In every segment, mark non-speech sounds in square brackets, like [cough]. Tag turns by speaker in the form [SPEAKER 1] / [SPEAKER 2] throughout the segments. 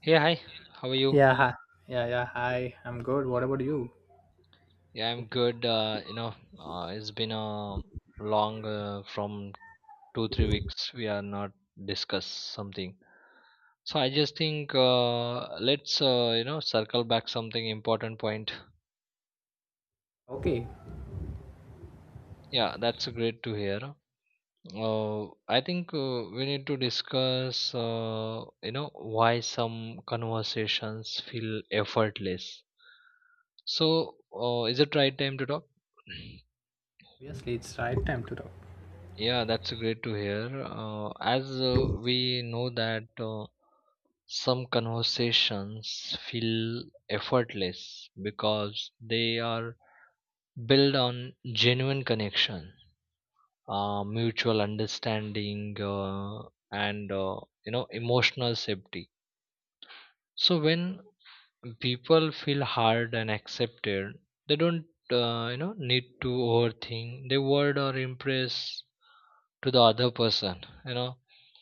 [SPEAKER 1] Hey, hi. How are you?
[SPEAKER 2] Yeah, hi. Yeah, yeah, hi. I'm good. What about you?
[SPEAKER 1] Yeah, I'm good. It's been a long, from 2-3 weeks. We are not discuss something. So I just think, let's circle back something important point.
[SPEAKER 2] Okay,
[SPEAKER 1] Yeah, that's great to hear. Uh, I think we need to discuss why some conversations feel effortless. So is it right time to talk? [clears throat]
[SPEAKER 2] obviously it's right time to talk.
[SPEAKER 1] Yeah, that's great to hear. As we know that, some conversations feel effortless because they are built on genuine connection, mutual understanding, and emotional safety. So when people feel hard and accepted, they don't need to overthink they word or impress to the other person,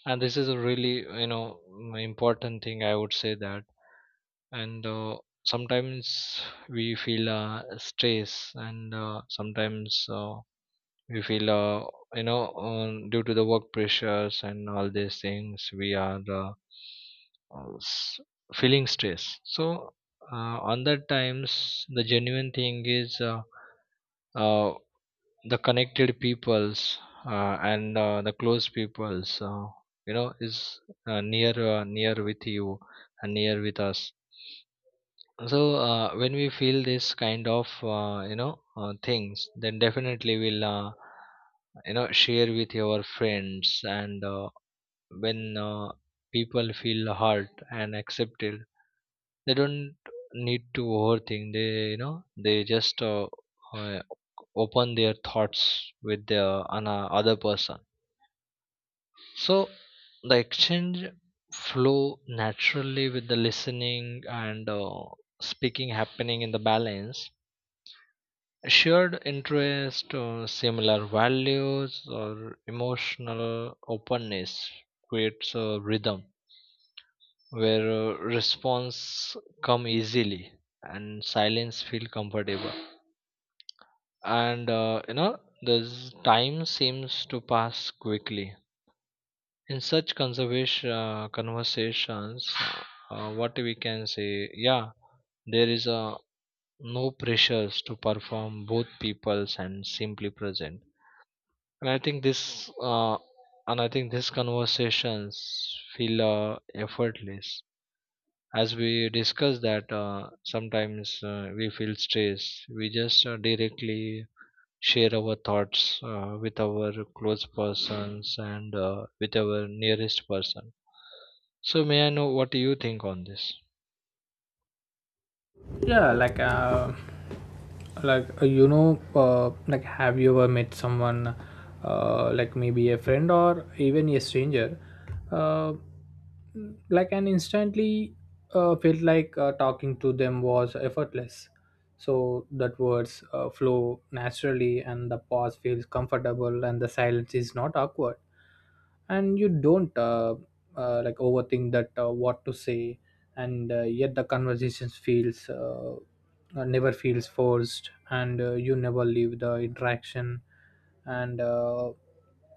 [SPEAKER 1] and this is a really important thing I would say that. And sometimes we feel stress, and sometimes we feel, due to the work pressures and all these things we are, uh, s- feeling stress. So on that times the genuine thing is, uh, the connected peoples, and the close peoples, is near with you, and near with us. So when we feel this kind of things, then definitely we'll share with your friends. And when people feel hurt and accepted, they don't need to overthink they, they just, uh, open their thoughts with the on a other person. So the exchange flow naturally with the listening and speaking happening in the balance. Shared interest or similar values or emotional openness creates a rhythm where response come easily and silence feel comfortable. And, this time seems to pass quickly in such conservation conversations, what we can say. Yeah, there is a no pressures to perform both peoples and simply present. And i think this uh, and I think these conversations feel, effortless. As we discuss that, sometimes we feel stress, we just directly share our thoughts with our close persons, and with our nearest person. So may I know what you think on this?
[SPEAKER 2] Yeah, like have you ever met someone, like maybe a friend or even a stranger, uh, like and instantly felt like talking to them was effortless, so that words flow naturally and the pause feels comfortable and the silence is not awkward, and you don't like overthink that what to say, and yet the conversations feels never feels forced, and you never leave the interaction and uh,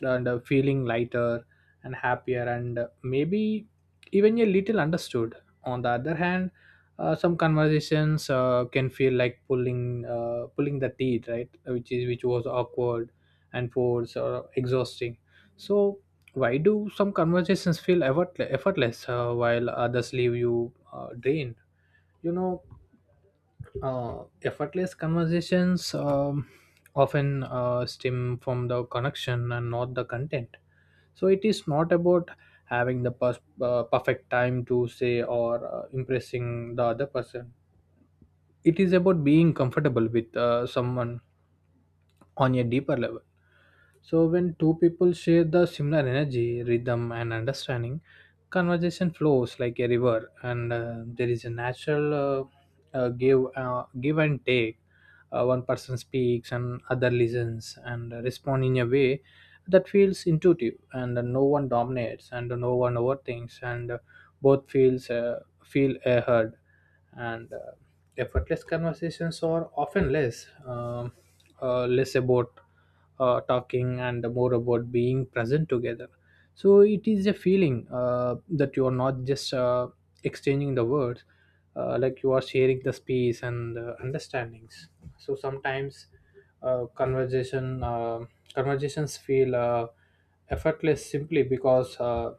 [SPEAKER 2] and feeling lighter and happier and maybe even a little understood. On the other hand, some conversations can feel like pulling the teeth, right, which was awkward and forced or exhausting. So why do some effortless while others leave you drained, you know? Effortless conversations often stem from the connection and not the content. So it is not about perfect time to say, or impressing the other person. It is about being comfortable with someone on a deeper level. So when two people share the similar energy, rhythm, and understanding, conversation flows like a river, and there is a natural, give and take. One person speaks, and other listens, and respond in a way that feels intuitive, and no one dominates, and no one overthinks, and both feels feel heard. And. Effortless conversations are often less about talking and more about being present together. So it is a feeling that you are not just exchanging the words, like you are sharing the space and understandings. So sometimes uh, conversation uh, conversations feel effortless simply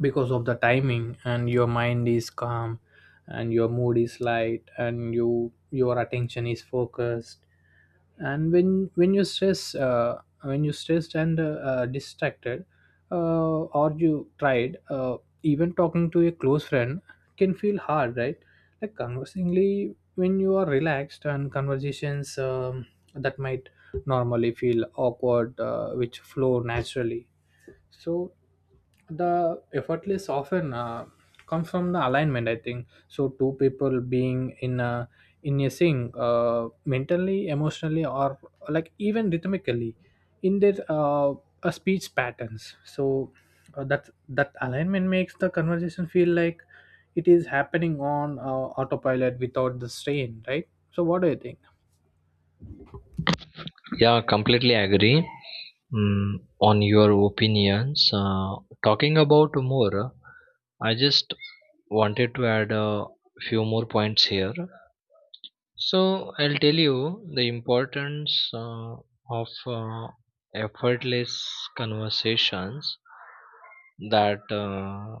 [SPEAKER 2] because of the timing, and your mind is calm and your mood is light and your attention is focused. And when you stress, when you stressed and distracted, or you tried, even talking to a close friend can feel hard, right? Like conversingly, when you are relaxed, and conversations that might normally feel awkward which flow naturally. So the effortless often comes from the alignment, I think, so two people being in a sync, mentally, emotionally, or like even rhythmically in their speech patterns. So that alignment makes the conversation feel like it is happening on autopilot without the strain, right? So what do you think?
[SPEAKER 1] Yeah, completely agree mm, on your opinions. Talking about more, I just wanted to add a few more points here. So I'll tell you the importance of effortless conversations, that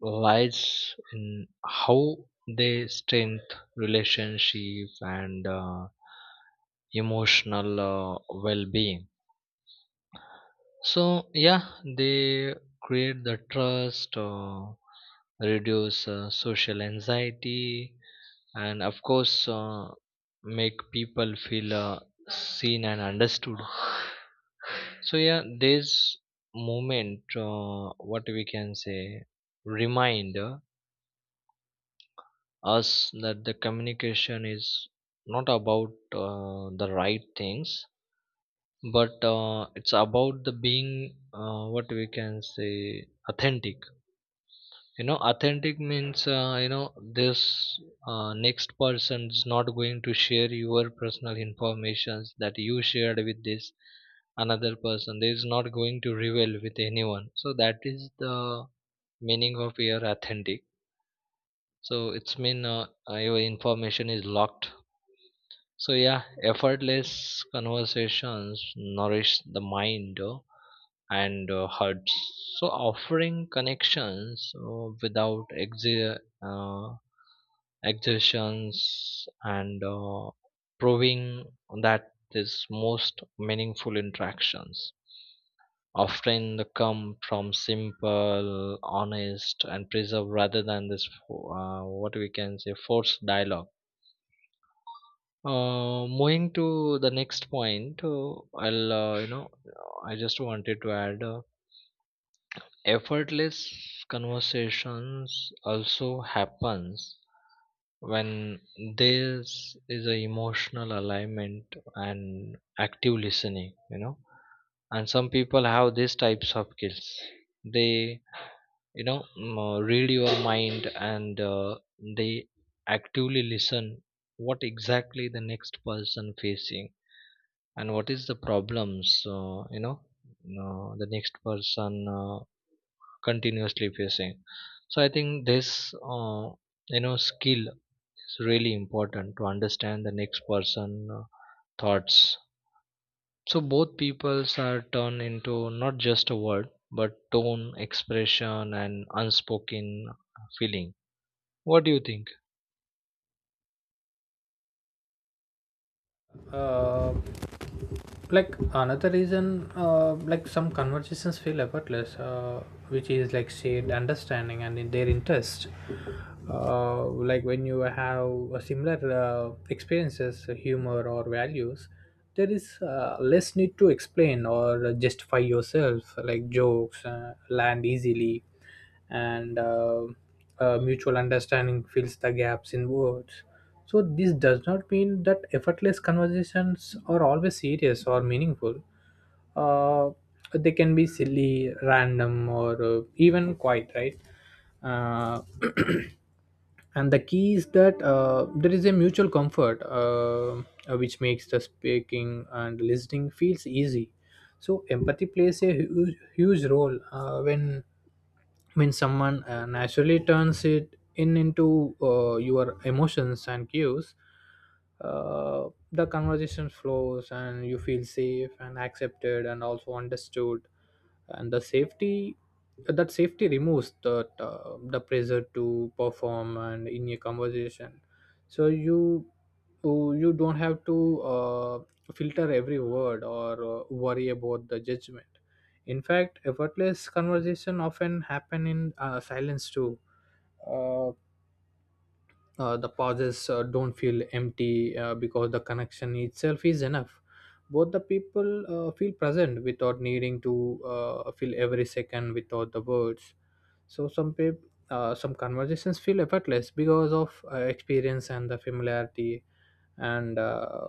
[SPEAKER 1] lies in how they strengthen relationship and emotional well-being. So yeah, they create the trust, reduce social anxiety, and of course, make people feel seen and understood. So yeah, this movement, what we can say, remind us that the communication is not about the right things, but it's about the being, what we can say, authentic, authentic means this, next person is not going to share your personal informations that you shared with this another person, they is not going to reveal with anyone. So that is the meaning of your authentic. So it's mean, your information is locked. So yeah, effortless conversations nourish the mind, and hurts. So offering connections without exertions and proving that, is most meaningful interactions often come from simple, honest, and preserve, rather than this what we can say forced dialogue. Moving to the next point, I'll you know I just wanted to add. Effortless conversations also happens when there is a emotional alignment and active listening, and some people have these types of skills. They read your mind, and they actively listen what exactly the next person facing, and what is the problems, the next person continuously facing. So I think this uh, skill is really important to understand the next person uh, thoughts. So both peoples are turned into not just a word, but tone expression and unspoken feeling. What do you think?
[SPEAKER 2] uh, like another reason, like some conversations feel effortless, which is like shared understanding and in their interest. Like when you have a similar experiences, humor or values, there is less need to explain or justify yourself. Like jokes land easily, and mutual understanding fills the gaps in words. So this does not mean that effortless conversations are always serious or meaningful. Uh, they can be silly, random, or even quiet, right? Uh, [clears throat] and the key is that there is a mutual comfort, which makes the speaking and listening feels easy. So empathy plays a huge role when someone naturally turns it in into your emotions and cues, the conversation flows and you feel safe and accepted and also understood. And the safety that safety removes the pressure to perform and in a conversation. So you don't have to filter every word or worry about the judgment. In fact, effortless conversation often happen in silence too. uh, the pauses don't feel empty because the connection itself is enough. Both the people feel present without needing to fill every second without the words. So some conversations feel effortless because of experience and the familiarity, and uh,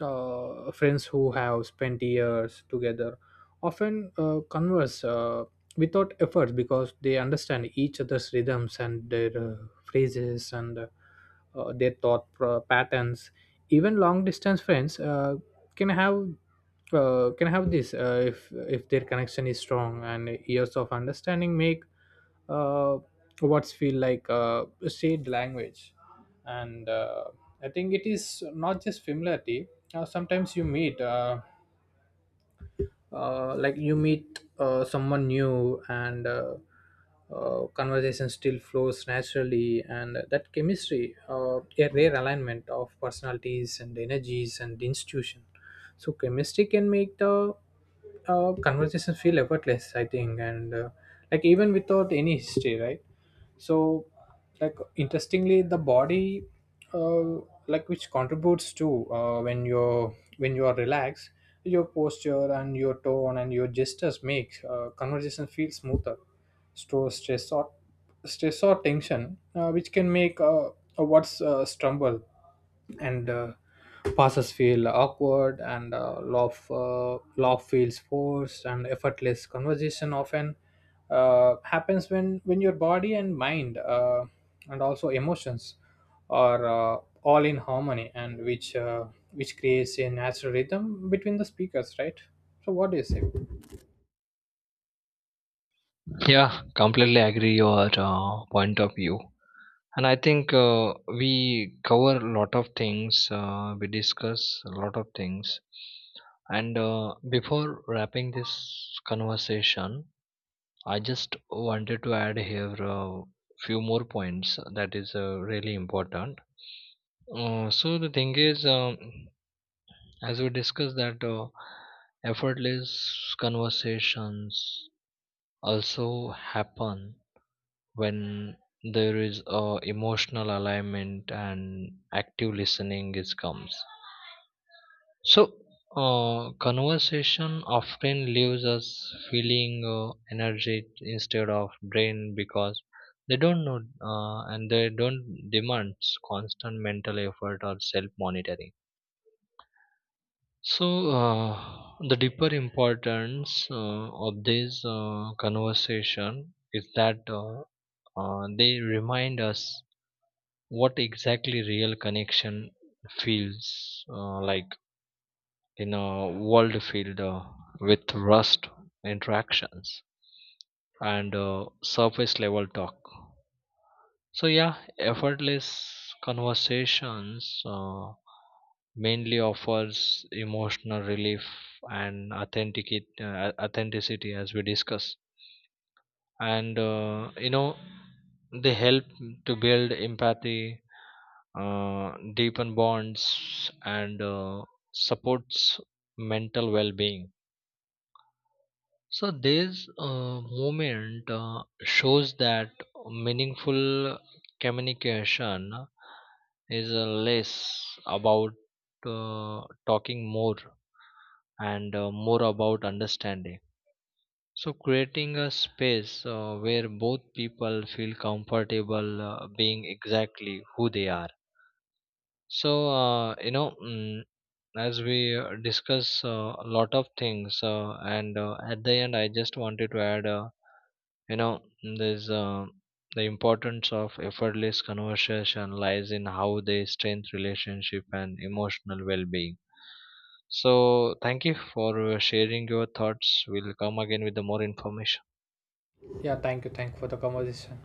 [SPEAKER 2] uh, friends who have spent years together often converse without effort because they understand each other's rhythms and their phrases and patterns. Even long distance friends can have can have this, if their connection is strong, and years of understanding make, uh, what's feel like a shared language. And I think it is not just familiarity. Sometimes you meet like you meet someone new, and conversation still flows naturally, and that chemistry, a rare alignment of personalities and energies and institution. So chemistry can make the conversation feel effortless, I think, and like even without any history, right? So like interestingly, the body, uh, like which contributes to, when you are relaxed, your posture and your tone and your gestures make conversation feel smoother. Store Stress or tension which can make a words stumble, and passes feel awkward, and love feels forced. And effortless conversation often happens when your body and mind and also emotions are all in harmony, and which creates a natural rhythm between the speakers, right? So what do you say?
[SPEAKER 1] Yeah, completely agree your point of view. And I think, we cover a lot of things, we discuss a lot of things. And before wrapping this conversation, I just wanted to add here a few more points that is really important. So the thing is, as we discussed that, effortless conversations also happen when there is a emotional alignment and active listening is comes. So conversation often leaves us feeling energy instead of drained, because they don't know, and they don't demand constant mental effort or self monitoring. So uh, the deeper importance of this conversation is that, they remind us what exactly real connection feels like, in a world filled with rust interactions, and surface level talk. So yeah, effortless conversations mainly offers emotional relief and authenticate authenticity, as we discuss. And they help to build empathy, deepen bonds, and supports mental well-being. So this movement shows that meaningful communication is less about talking more, and more about understanding. So creating a space where both people feel comfortable being exactly who they are. So, as we discuss a lot of things, and at the end, I just wanted to add, you know there's the importance of effortless conversation lies in how they strengthen relationship and emotional well-being. So thank you for sharing your thoughts. We'll come again with the more information.
[SPEAKER 2] Yeah, thank you, thank you for the conversation.